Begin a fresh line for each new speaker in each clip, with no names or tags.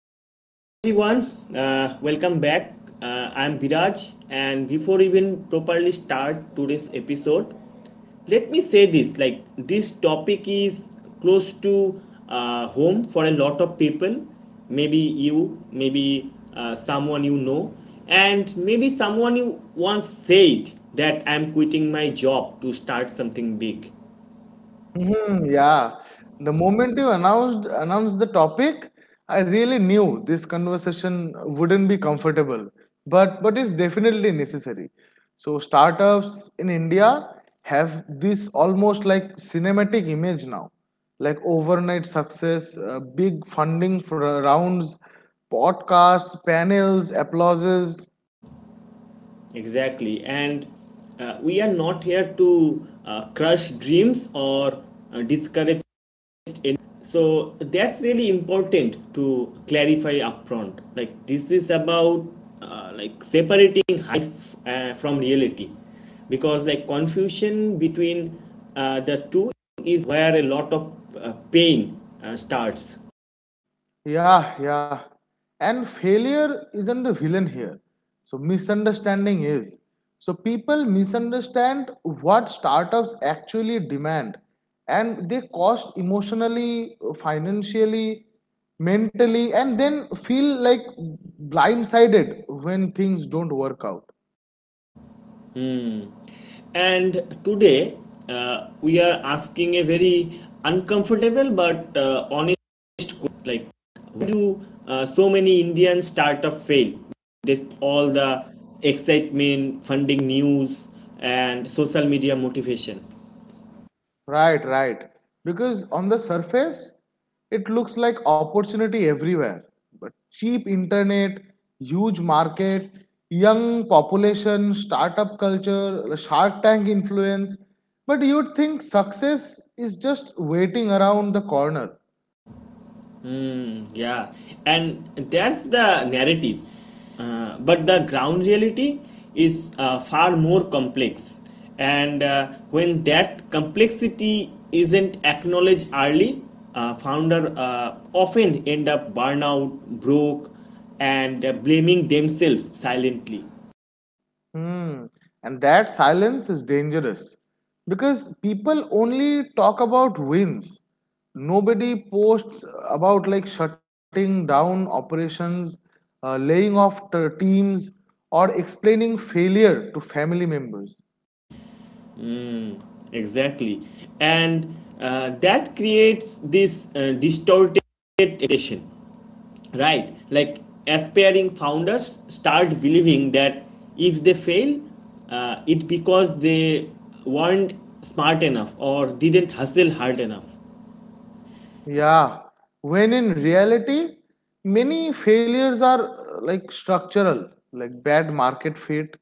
so hey everyone, welcome back. I'm Viraj, and before even properly start today's episode, let me say this: like this topic is close to home for a lot of people. Maybe you, maybe someone you know, and maybe someone you once said that I'm quitting my job to start something big.
Mhm, yeah. The moment you announced the topic, I really knew this conversation wouldn't be comfortable, but it's definitely necessary. So startups in India have this almost like cinematic image now, like overnight success, big funding for rounds, podcasts, panels, applauses.
Exactly. And we are not here to crush dreams or discourage. So that's really important to clarify upfront. Like this is about like separating hype from reality because like confusion between the two is where a lot of pain starts.
Yeah, yeah. And failure isn't the villain here. So misunderstanding is. So people misunderstand what startups actually demand and they cost emotionally, financially, mentally, and then feel like blindsided when things don't work out.
Hmm. And today, we are asking a very uncomfortable but honest question like, why do so many Indian startup fail? This all the excitement, funding news, and social media motivation.
Right, right. Because on the surface, it looks like opportunity everywhere. But cheap internet, huge market, young population, startup culture, Shark Tank influence. But you'd think success is just waiting around the corner.
Yeah, and that's the narrative. But the ground reality is far more complex. And when that complexity isn't acknowledged early, founder often end up burnout, broke, and blaming themselves silently.
Hmm. And that silence is dangerous because people only talk about wins. Nobody posts about like shutting down operations, laying off teams, or explaining failure to family members.
Exactly. And that creates this distorted expectation, right? Like aspiring founders start believing that if they fail, it because they weren't smart enough or didn't hustle hard enough.
Yeah, when in reality, many failures are like structural, like bad market fit,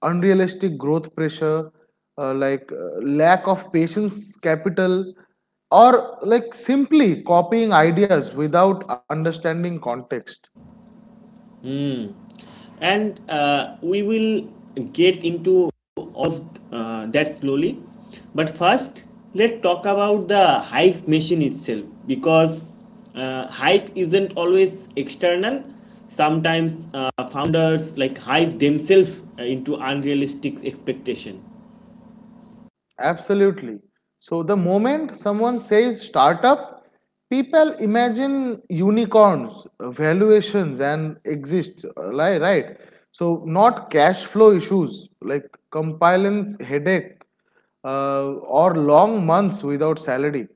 unrealistic growth pressure, uh, like uh, lack of patience capital, or like simply copying ideas without understanding context.
And we will get into of that slowly, but first let's talk about the hype machine itself, because hype isn't always external. Sometimes founders like hype themselves into unrealistic expectation.
Absolutely. So the moment someone says startup, people imagine unicorns, valuations, and exists. Right? So not cash flow issues like compliance headache uh, or long months without salary.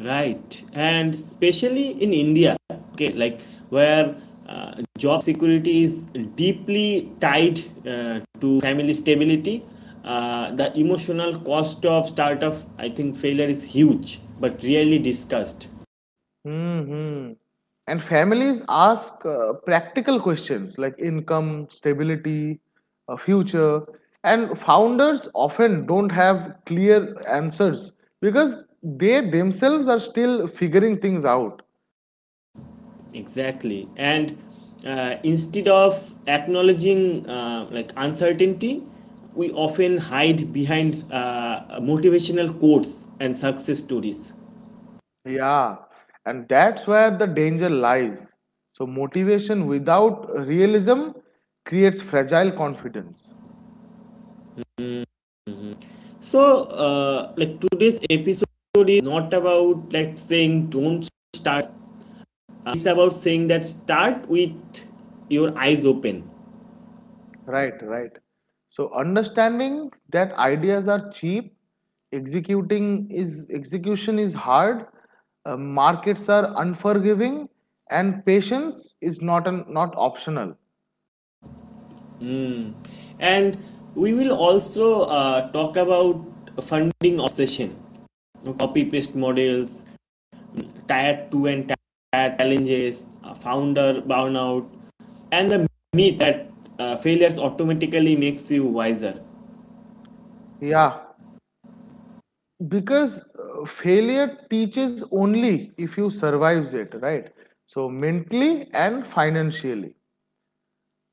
Right, and especially in India, okay, like where job security is deeply tied to family stability, the emotional cost of startup, I think, failure is huge but rarely discussed.
Hmm. And families ask practical questions like income, stability, future, and founders often don't have clear answers because they themselves are still figuring things out.
Exactly, and instead of acknowledging like uncertainty, we often hide behind motivational quotes and success stories.
Yeah, and that's where the danger lies. So, motivation without realism creates fragile confidence.
So, like today's episode is not about like saying don't start. It's about saying that start with your eyes open.
Right, right. So understanding that ideas are cheap, executing is execution is hard, markets are unforgiving, and patience is not optional.
Hmm. And we will also talk about funding obsession, copy paste models, tier 2 and tier challenges, founder burnout, and the myth that failures automatically makes you wiser.
Yeah, because failure teaches only if you survives it, right? So mentally and financially.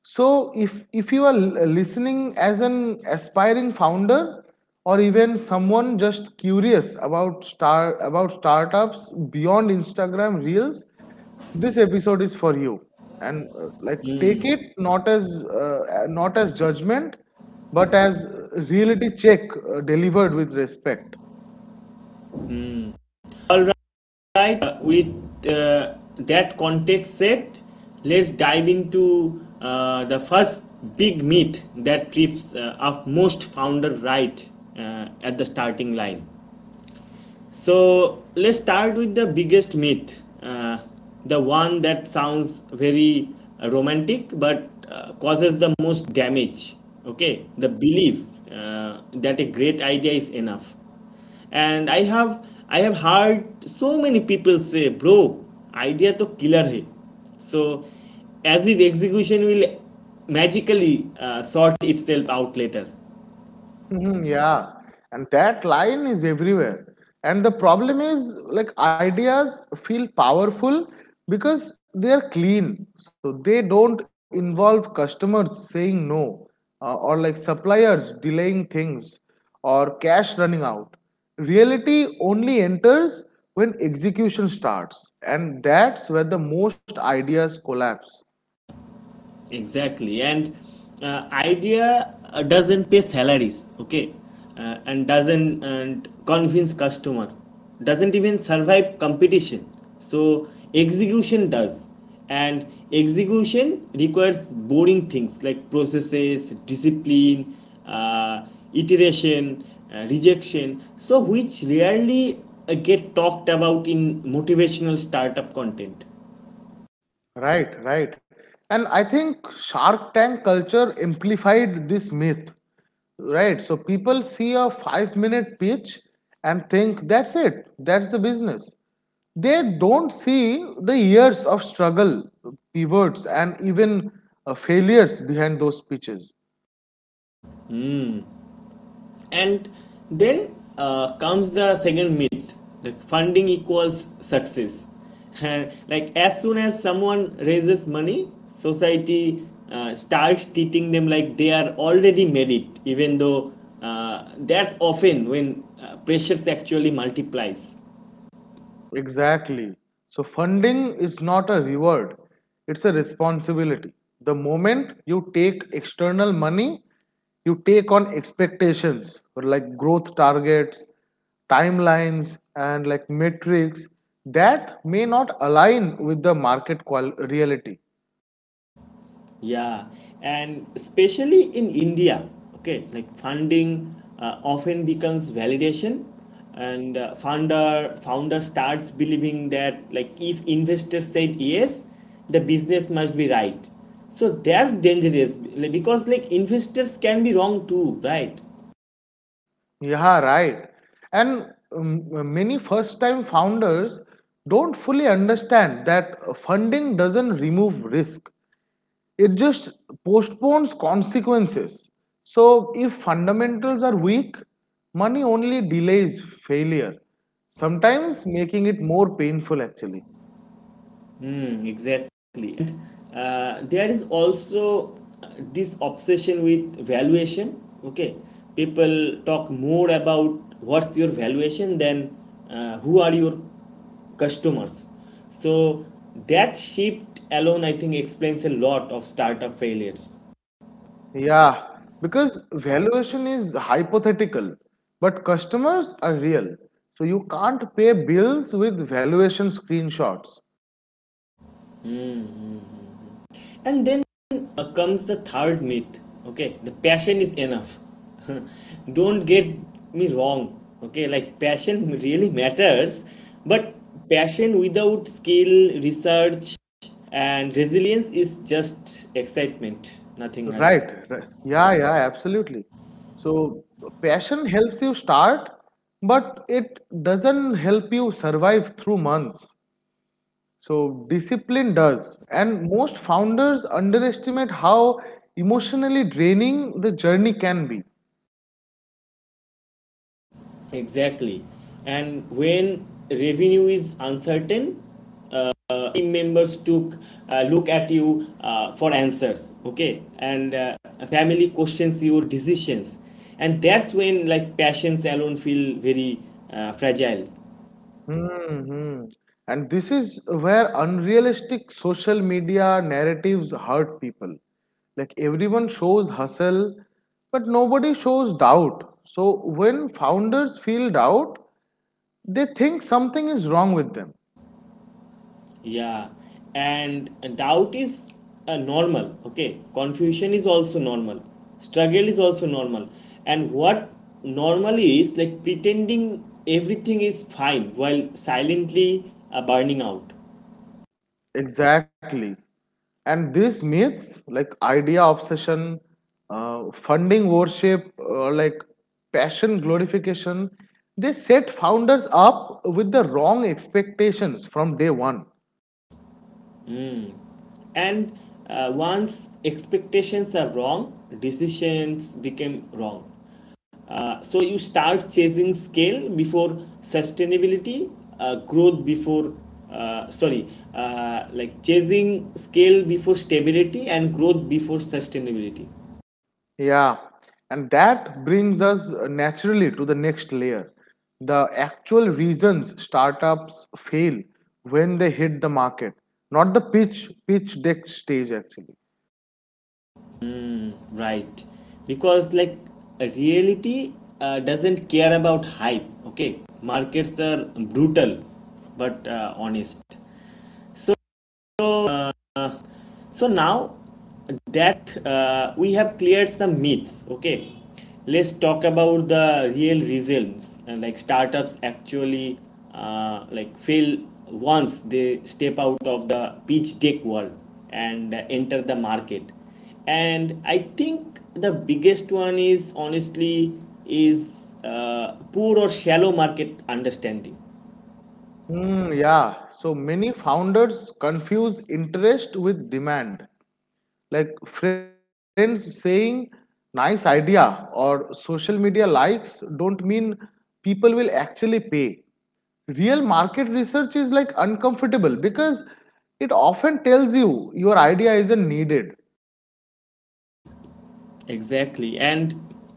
So if you are listening as an aspiring founder or even someone just curious about startups beyond Instagram Reels, this episode is for you. And take it not as judgment, but as reality check delivered with respect.
All right. Right, with that context set, let's dive into the first big myth that trips up most founder, right, at the starting line. So let's start with the biggest myth, the one that sounds very romantic but causes the most damage. Okay, the belief that a great idea is enough. And I have heard so many people say, "Bro, idea to killer hai." So as if execution will magically sort itself out later.
Mhm, yeah, and that line is everywhere. And the problem is, like, ideas feel powerful because they are clean. So they don't involve customers saying no, or like suppliers delaying things, or cash running out. Reality only enters when execution starts, and that's where the most ideas collapse.
Exactly. And idea doesn't pay salaries, okay? And doesn't and convince customer. Doesn't even survive competition. So execution does. And execution requires boring things like processes, discipline, uh, iteration, rejection. So which rarely get talked about in motivational startup content.
Right, right. And I think Shark Tank culture amplified this myth. Right. So people see a 5 minute pitch and think that's it, that's the business. They don't see the years of struggle, pivots, and even failures behind those pitches.
And then comes the second myth, the funding equals success. And like as soon as someone raises money, society starts treating them like they are already made it, even though that's often when pressures actually multiplies.
Exactly. So, funding is not a reward, it's a responsibility. The moment you take external money, you take on expectations or like growth targets, timelines, and like metrics that may not align with the reality.
Yeah, and especially in India, okay, like funding often becomes validation, and founder starts believing that like if investors said yes, the business must be right. So that's dangerous, like, because like investors can be wrong too, right?
Yeah, right. And many first time founders don't fully understand that funding doesn't remove risk, it just postpones consequences. So, if fundamentals are weak, money only delays failure, sometimes making it more painful actually.
Mm, exactly. And there is also this obsession with valuation. Okay, people talk more about what's your valuation than who are your customers. So that shift alone, I think, explains a lot of startup failures.
Yeah, because valuation is hypothetical, but customers are real. So, you can't pay bills with valuation screenshots.
And then comes the third myth. Okay, the passion is enough. Don't get me wrong. Okay, like passion really matters, but passion without skill, research, and resilience is just excitement, nothing else.
Right, right. Yeah, yeah, absolutely. So, passion helps you start, but it doesn't help you survive through months. So discipline does. And most founders underestimate how emotionally draining the journey can be.
Exactly. And when revenue is uncertain, team members took look at you for answers, okay, and family questions your decisions, and that's when like passions alone feel very fragile.
Hmm. And this is where unrealistic social media narratives hurt people. Like everyone shows hustle, but nobody shows doubt. So when founders feel doubt, they think something is wrong with them.
Yeah, and doubt is normal, okay, confusion is also normal, struggle is also normal, and what normally is like pretending everything is fine while silently burning out.
Exactly. And these myths, like idea obsession, funding worship, or like passion glorification, they set founders up with the wrong expectations from day one.
And once expectations are wrong, decisions become wrong. So you start chasing scale before sustainability, uh, growth before, uh, sorry, like chasing scale before stability and growth before sustainability.
Yeah. And that brings us naturally to the next layer the actual reasons startups fail when they hit the market, not the pitch deck stage, actually.
Right. Because like reality doesn't care about hype, okay? Markets are brutal but honest. So now that we have cleared some myths, okay, let's talk about the real reasons and like startups actually like fail once they step out of the pitch deck world and enter the market. And I think the biggest one is honestly is poor or shallow market understanding.
Mm, yeah. So many founders confuse interest with demand. Like friends saying nice idea or social media likes don't mean people will actually pay. Real market research is like uncomfortable because it often tells you your idea isn't needed.
Exactly. And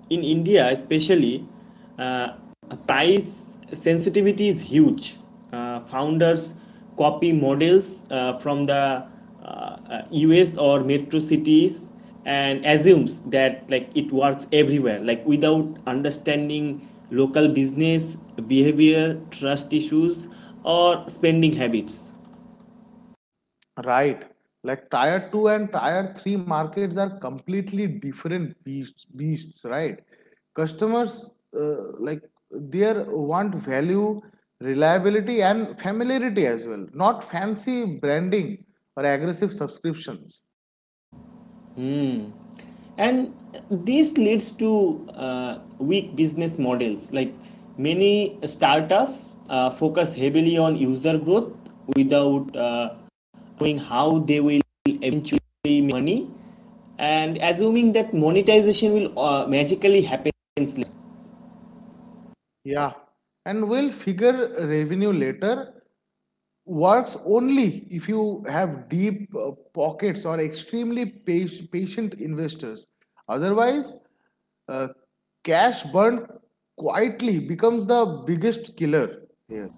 in India, especially, uh, price sensitivity is huge. Founders copy models from the US or metro cities and assumes that like it works everywhere, like without understanding local business behavior, trust issues, or spending habits.
Right. Like tier 2 and tier 3 markets are completely different beasts right? Customers their want value, reliability and familiarity as well, not fancy branding or aggressive subscriptions.
And this leads to weak business models. Like many startups focus heavily on user growth without knowing how they will eventually make money and assuming that monetization will magically happen later.
Yeah. And we'll figure revenue later works only if you have deep pockets or extremely patient investors. Otherwise, uh, cash burned quietly becomes the biggest killer here.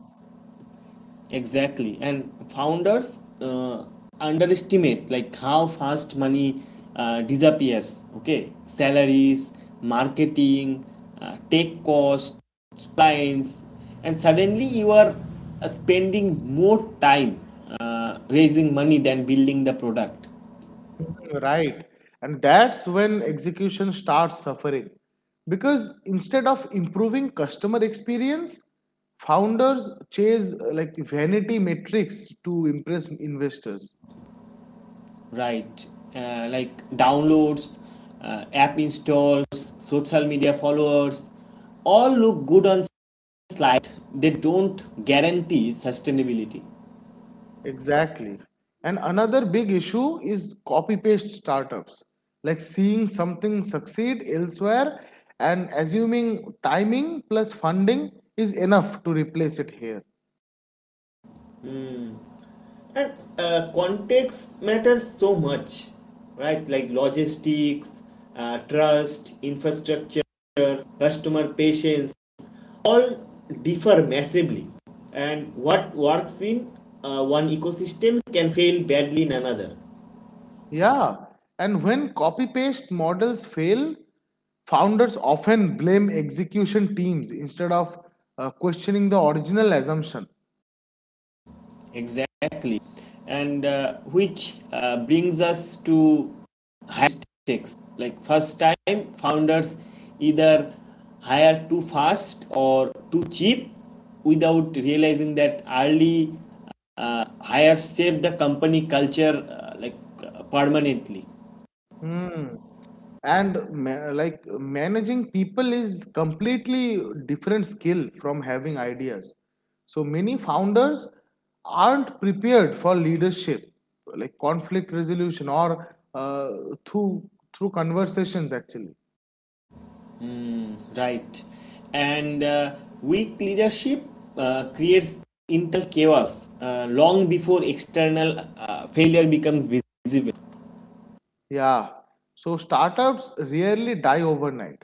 Exactly, and founders underestimate like how fast money disappears. Okay, salaries, marketing, tech costs, clients, and suddenly you are spending more time raising money than building the product.
Right. And that's when execution starts suffering. Because instead of improving customer experience, founders chase vanity metrics to impress investors.
Right, like downloads, app installs, social media followers, all look good on slide, they don't guarantee sustainability.
Exactly. And another big issue is copy paste startups, like seeing something succeed elsewhere and assuming timing plus funding is enough to replace it here.
And context matters so much, right? Like logistics, trust, infrastructure, customer patience, all differ massively. And what works in one ecosystem can fail badly in another.
Yeah. And when copy paste models fail, founders often blame execution teams instead of questioning the original assumption.
Exactly. And which brings us to high stakes. Like first time founders either hire too fast or too cheap without realizing that early hires save the company culture like permanently.
Hmm. And like managing people is completely different skill from having ideas. So many founders aren't prepared for leadership like conflict resolution or uh, through through conversations actually.
Right. And weak leadership creates internal chaos long before external failure becomes visible.
Yeah. So startups rarely die overnight.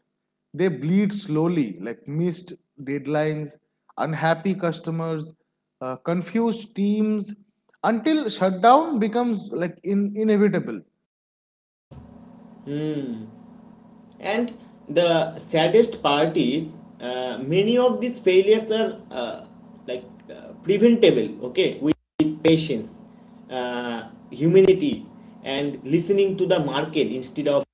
They bleed slowly, like missed deadlines, unhappy customers, confused teams, until shutdown becomes like inevitable.
And the saddest part is, many of these failures are like preventable, okay, with patience, humility, and listening to the market instead of.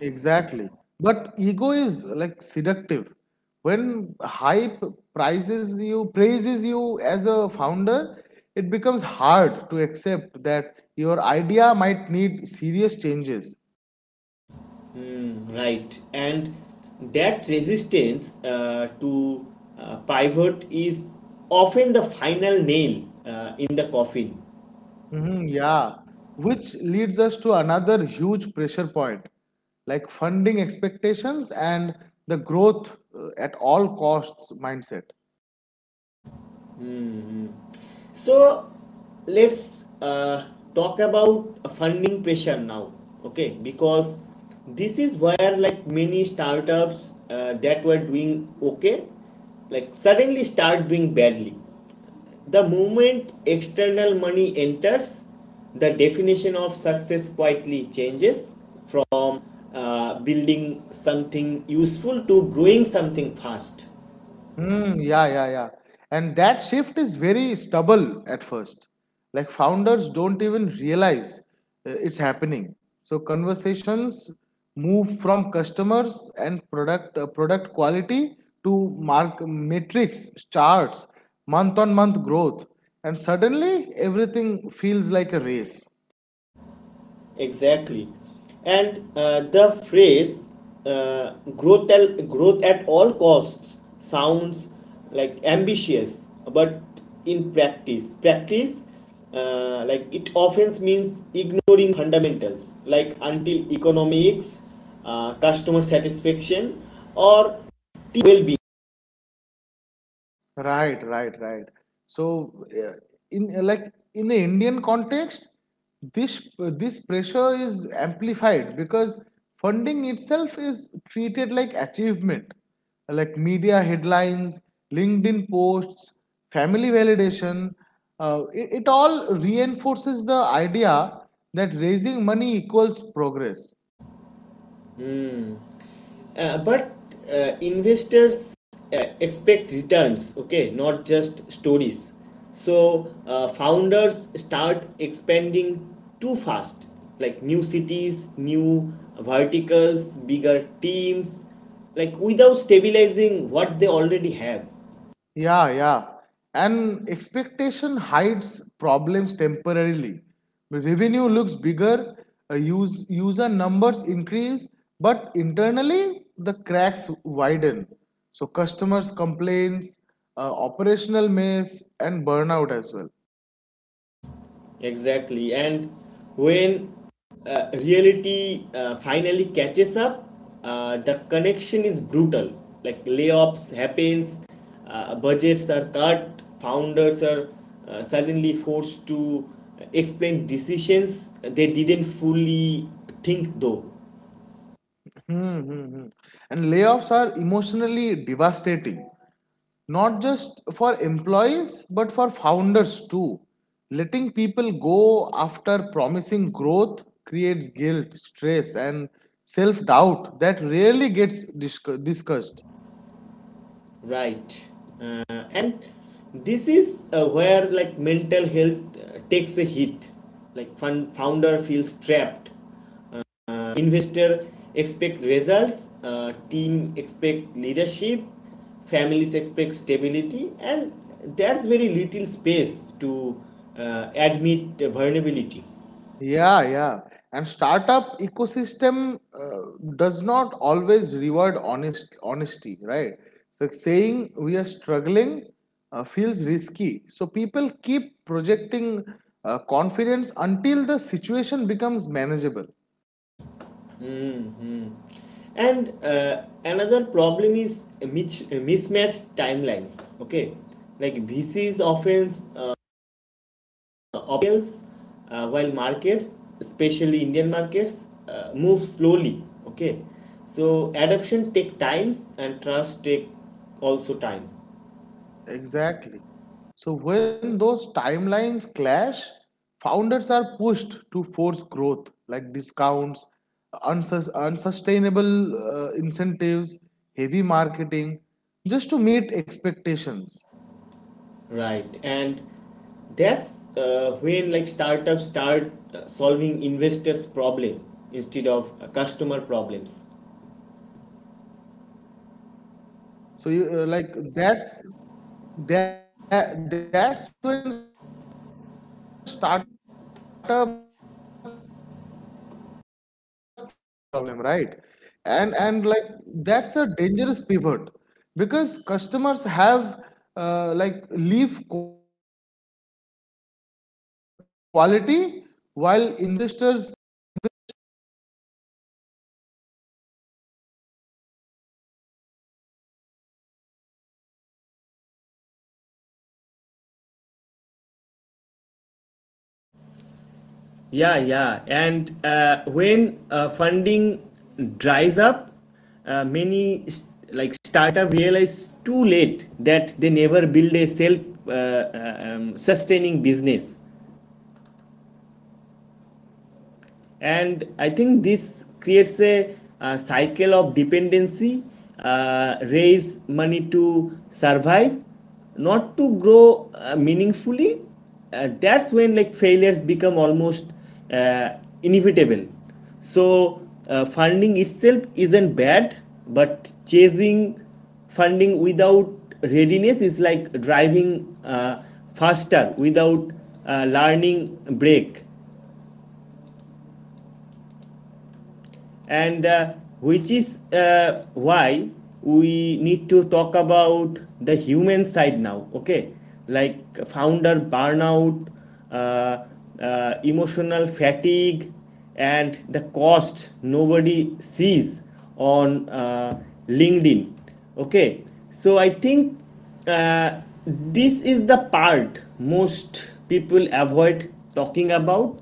Exactly. But ego is like seductive. When hype praises you as a founder, it becomes hard to accept that your idea might need serious changes.
Mm, right. And that resistance to pivot is often the final nail in the coffin.
Mhm, yeah, which leads us to another huge pressure point, like funding expectations and the growth at all costs mindset.
So let's talk about funding pressure now, okay? Because this is where like many startups that were doing okay, like suddenly start doing badly. The moment external money enters, the definition of success quietly changes from building something useful to growing something fast.
Hmm. Yeah, yeah, yeah. And that shift is very stubble at first. Like founders don't even realize it's happening. So conversations move from customers and product quality to mark metrics, charts, month on month growth, and suddenly everything feels like a race.
Exactly. And the phrase growth at all costs sounds like ambitious, but in practice like it often means ignoring fundamentals like until economics, customer satisfaction, or well-being.
Right, right, right. So, uh, in uh, like in the Indian context, this this pressure is amplified because funding itself is treated like achievement, like media headlines, LinkedIn posts, family validation. It all reinforces the idea that raising money equals progress.
But investors expect returns, okay, not just stories. So founders start expanding too fast, like new cities, new verticals, bigger teams, like without stabilizing what they already have.
Yeah, yeah. And expectation hides problems temporarily. Revenue looks bigger, user numbers increase, but internally the cracks widen. So customers complaints, operational mess, and burnout as well.
Exactly. And when reality finally catches up, the connection is brutal. Like layoffs happens, budgets are cut, founders are suddenly forced to explain decisions they didn't fully think though.
Hmm, hmm, hmm. And layoffs are emotionally devastating, not just for employees but for founders too. Letting people go after promising growth creates guilt, stress, and self doubt that rarely gets discussed.
Right. And this is where like mental health takes a hit. Like founder feels trapped. Investor expect results, team expect leadership, families expect stability, and there's very little space to admit vulnerability.
Yeah, yeah. And startup ecosystem does not always reward honesty, right? So saying we are struggling feels risky. So people keep projecting confidence until the situation becomes manageable.
And another problem is mismatched timelines. Okay, like VCs often obvious while markets, especially indian markets, move slowly, okay, so adoption take times and trust take also time,
Exactly. So when those timelines clash, founders are pushed to force growth, like discounts, unsustainable incentives, heavy marketing, just to meet expectations.
right? And that's when like startups start solving investors problem instead of customer problems.
Right, right, right. So you that's when startups start solving investors problem instead of customers problem right. And like That's a dangerous pivot because customers have leave quality while investors indirectly investors react loudly.
Yeah, yeah. And when funding dries up, many s like startup realize too late that they never build a self sustaining business. And I think this creates a cycle of dependency, raise money to survive, not to grow meaningfully. That's when like failures become almost uh, inevitable. So funding itself isn't bad, but chasing funding without readiness is like driving faster without learning break. And which is why we need to talk about the human side now, okay, like founder burnout, uh, emotional fatigue, and the cost nobody sees on linkedin, okay? So I think uh, this is the part most people avoid talking about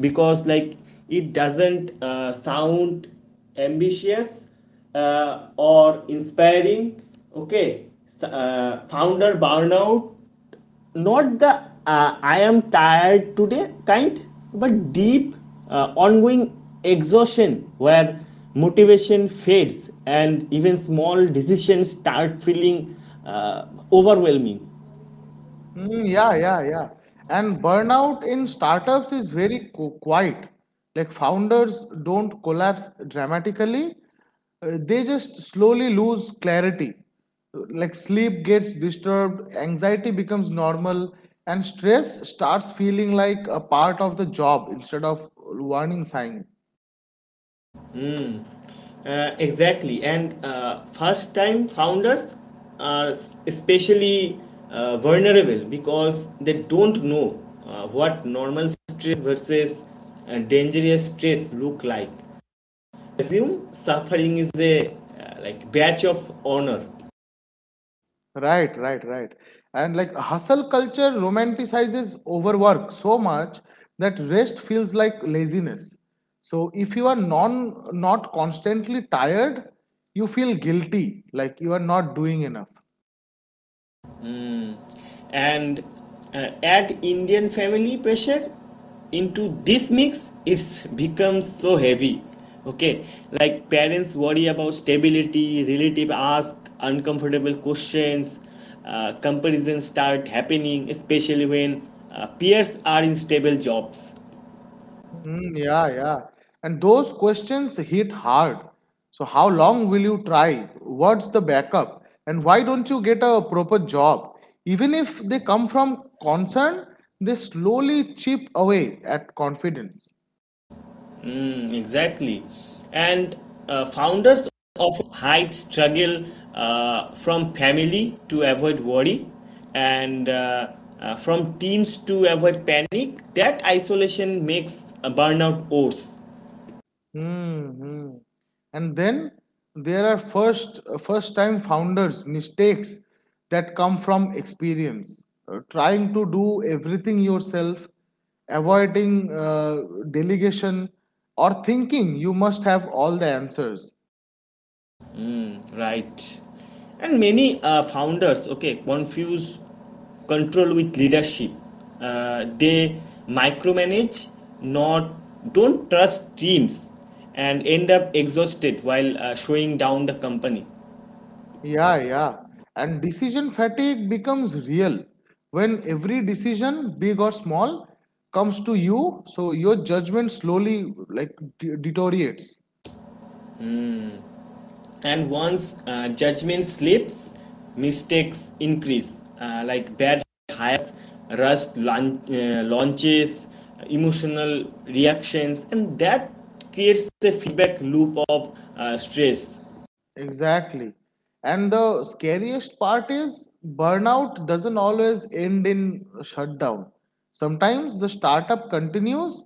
because like it doesn't sound ambitious or inspiring. Okay, founder burnout, not the I am tired today kind, but deep ongoing exhaustion where motivation fades and even small decisions start feeling uh, overwhelming.
Mm, yeah, yeah, yeah. And burnout in startups is very quiet. Like founders don't collapse dramatically, they just slowly lose clarity. Like sleep gets disturbed, anxiety becomes normal, and stress starts feeling like a part of the job instead of warning sign.
Exactly, and first time founders are especially vulnerable because they don't know what normal stress versus dangerous stress look like. Assume suffering is a like badge of honor.
Right, right, right. And like hustle culture romanticizes overwork so much that rest feels like laziness. So if you are non not constantly tired, you feel guilty, like you are not doing enough.
And add Indian family pressure into this mix, it's becomes so heavy. Okay, like parents worry about stability, relative ask uncomfortable questions, comparisons start happening, especially when peers are in stable jobs.
Mm, yeah, yeah. And those questions hit hard. So, how long will you try? What's the backup? And why don't you get a proper job? Even if they come from concern, they slowly chip away at confidence.
Mm, exactly. And founders often hide struggle from family to avoid worry and from teams to avoid panic. That isolation makes a burnout worse.
Hmm. And then there are first time founders mistakes that come from experience. Trying to do everything yourself, avoiding delegation, or thinking you must have all the answers.
Right. And many founders, okay, confuse control with leadership. They micromanage, not don't trust teams, and end up exhausted while showing down the company.
Yeah, yeah. And decision fatigue becomes real when every decision, big or small, comes to you. So your judgment slowly like deteriorates.
And once judgment slips, mistakes increase, like bad hires, rushed launches, emotional reactions, and that creates a feedback loop of stress.
Exactly. And the scariest part is burnout doesn't always end in shutdown. Sometimes the startup continues,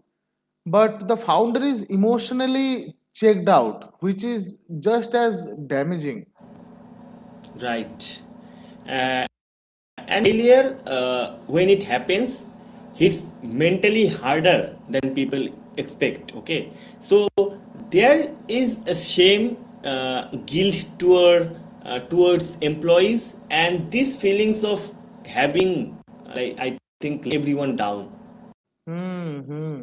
but the founder is emotionally checked out, which is just as damaging.
Right. And failure, when it happens, hits mentally harder than people expect. Okay. So there is a shame, guilt towards employees, and these feelings of having, I think, everyone down.
Hmm.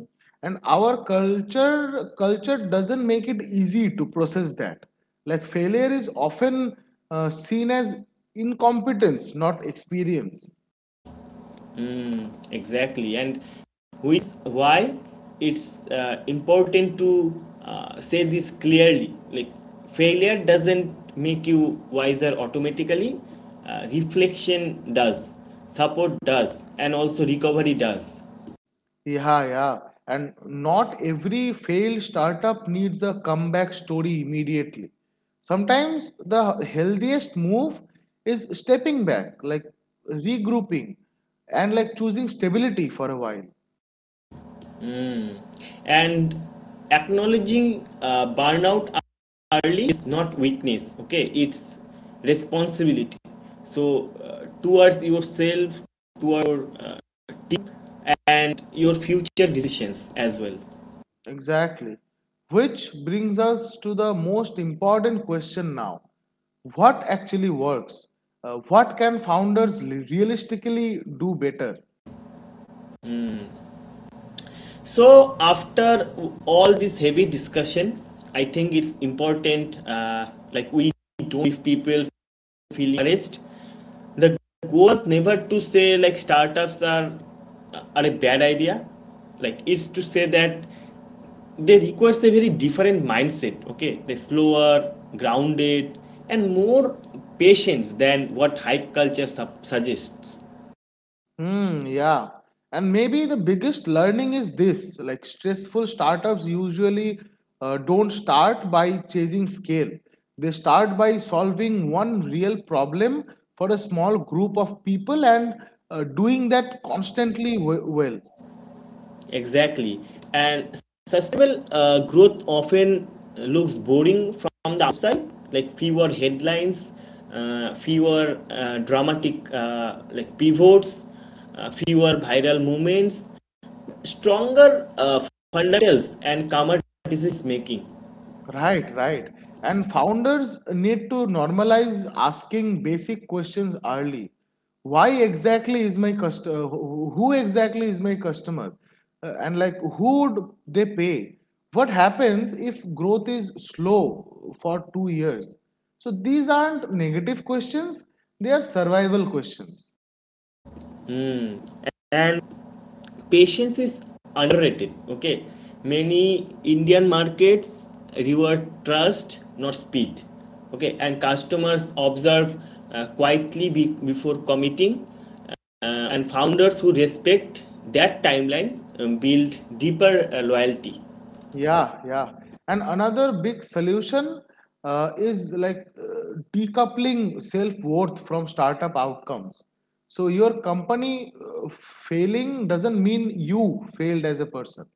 And our culture doesn't make it easy to process that. Like failure is often seen as incompetence, not experience.
Exactly. And who is why it's important to say this clearly. Like failure doesn't make you wiser automatically. Reflection does, support does, and also recovery does.
Yeah, yeah. And not every failed startup needs a comeback story immediately. Sometimes the healthiest move is stepping back, like regrouping and like choosing stability for a while.
Mm. And acknowledging burnout early is not weakness. Okay, it's responsibility. So towards yourself, toward uh, and your future decisions as well.
Exactly. Which brings us to the most important question now. What actually works? What can founders realistically do better?
So, after all this heavy discussion, I think it's important, like, we don't give people feel encouraged. The goal is never to say, like, startups are a bad idea. Like, it's to say that they require a very different mindset, okay? They're slower, grounded, and more patience than what hype culture suggests.
Hmm, yeah. And maybe the biggest learning is this like stressful startups usually don't start by chasing scale. They start by solving one real problem for a small group of people and doing that constantly well.
Exactly. And sustainable growth often looks boring from the outside, like fewer headlines, fewer dramatic like pivots, fewer viral movements, stronger fundamentals, and calmer decision making.
Right, right. And founders need to normalize asking basic questions early. Why exactly is my customer? Who exactly is my customer? Who do they pay? What happens if growth is slow for 2 years? So these aren't negative questions; they are survival questions.
And patience is underrated, okay? Many indian markets reward trust, not speed, okay, and customers observe quietly before committing, and founders who respect that timeline build deeper loyalty.
Yeah, yeah. And another big solution is like decoupling self-worth from startup outcomes. So your company failing doesn't mean you failed as a person.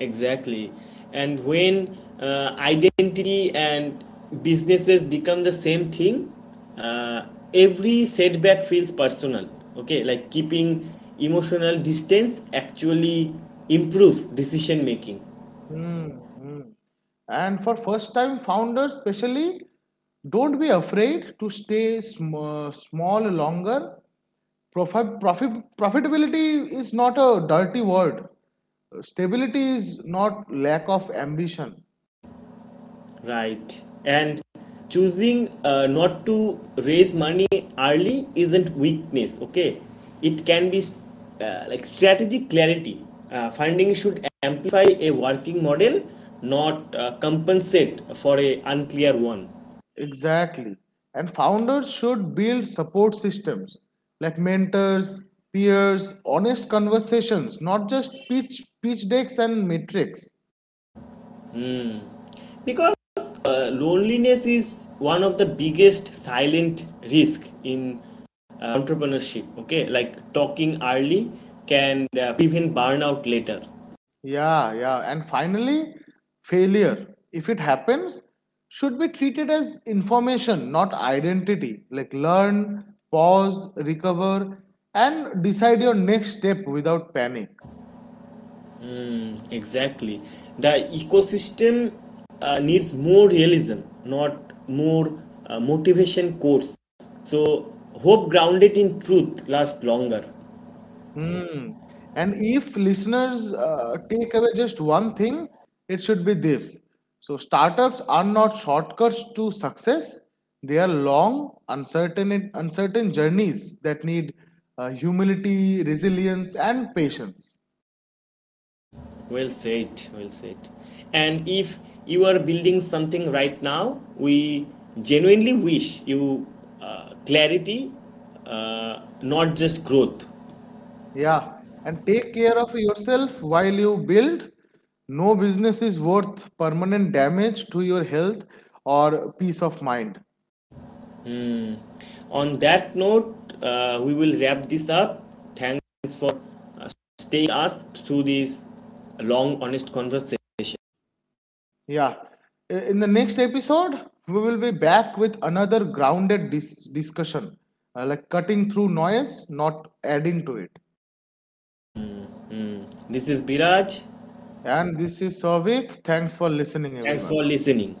Exactly. And when identity and businesses become the same thing, uh, every setback feels personal. Okay, like keeping emotional distance actually improve decision making.
Mhm. And for first-time founders, especially, don't be afraid to stay small longer. Profitability is not a dirty word. Stability is not lack of ambition.
Right. And choosing not to raise money early isn't weakness, okay? It can be like strategic clarity. Funding should amplify a working model, not compensate for a unclear one.
Exactly. And founders should build support systems like mentors, peers, honest conversations, not just pitch decks and metrics.
Because loneliness is one of the biggest silent risk in entrepreneurship, okay? Like talking early can prevent burnout later.
Yeah, yeah. And finally, failure, if it happens, should be treated as information, not identity. Like learn, pause, recover, and decide your next step without panic.
Exactly. The ecosystem needs more realism, not more motivation quotes. So, hope grounded in truth lasts longer.
Hmm. And if listeners take away just one thing, it should be this. So, startups are not shortcuts to success, they are long, uncertain journeys that need humility, resilience, and patience.
Well said, well said. And if you are building something right now, we genuinely wish you clarity, not just growth.
Yeah. And take care of yourself while you build. No business is worth permanent damage to your health or peace of mind.
On that note, we will wrap this up. Thanks for staying us through this long, honest conversation.
Yeah. In the next episode, we will be back with another grounded discussion, like cutting through noise, not adding to it.
This is Biraj.
And this is Savik. Thanks for listening,
Thanks
everyone.
for listening.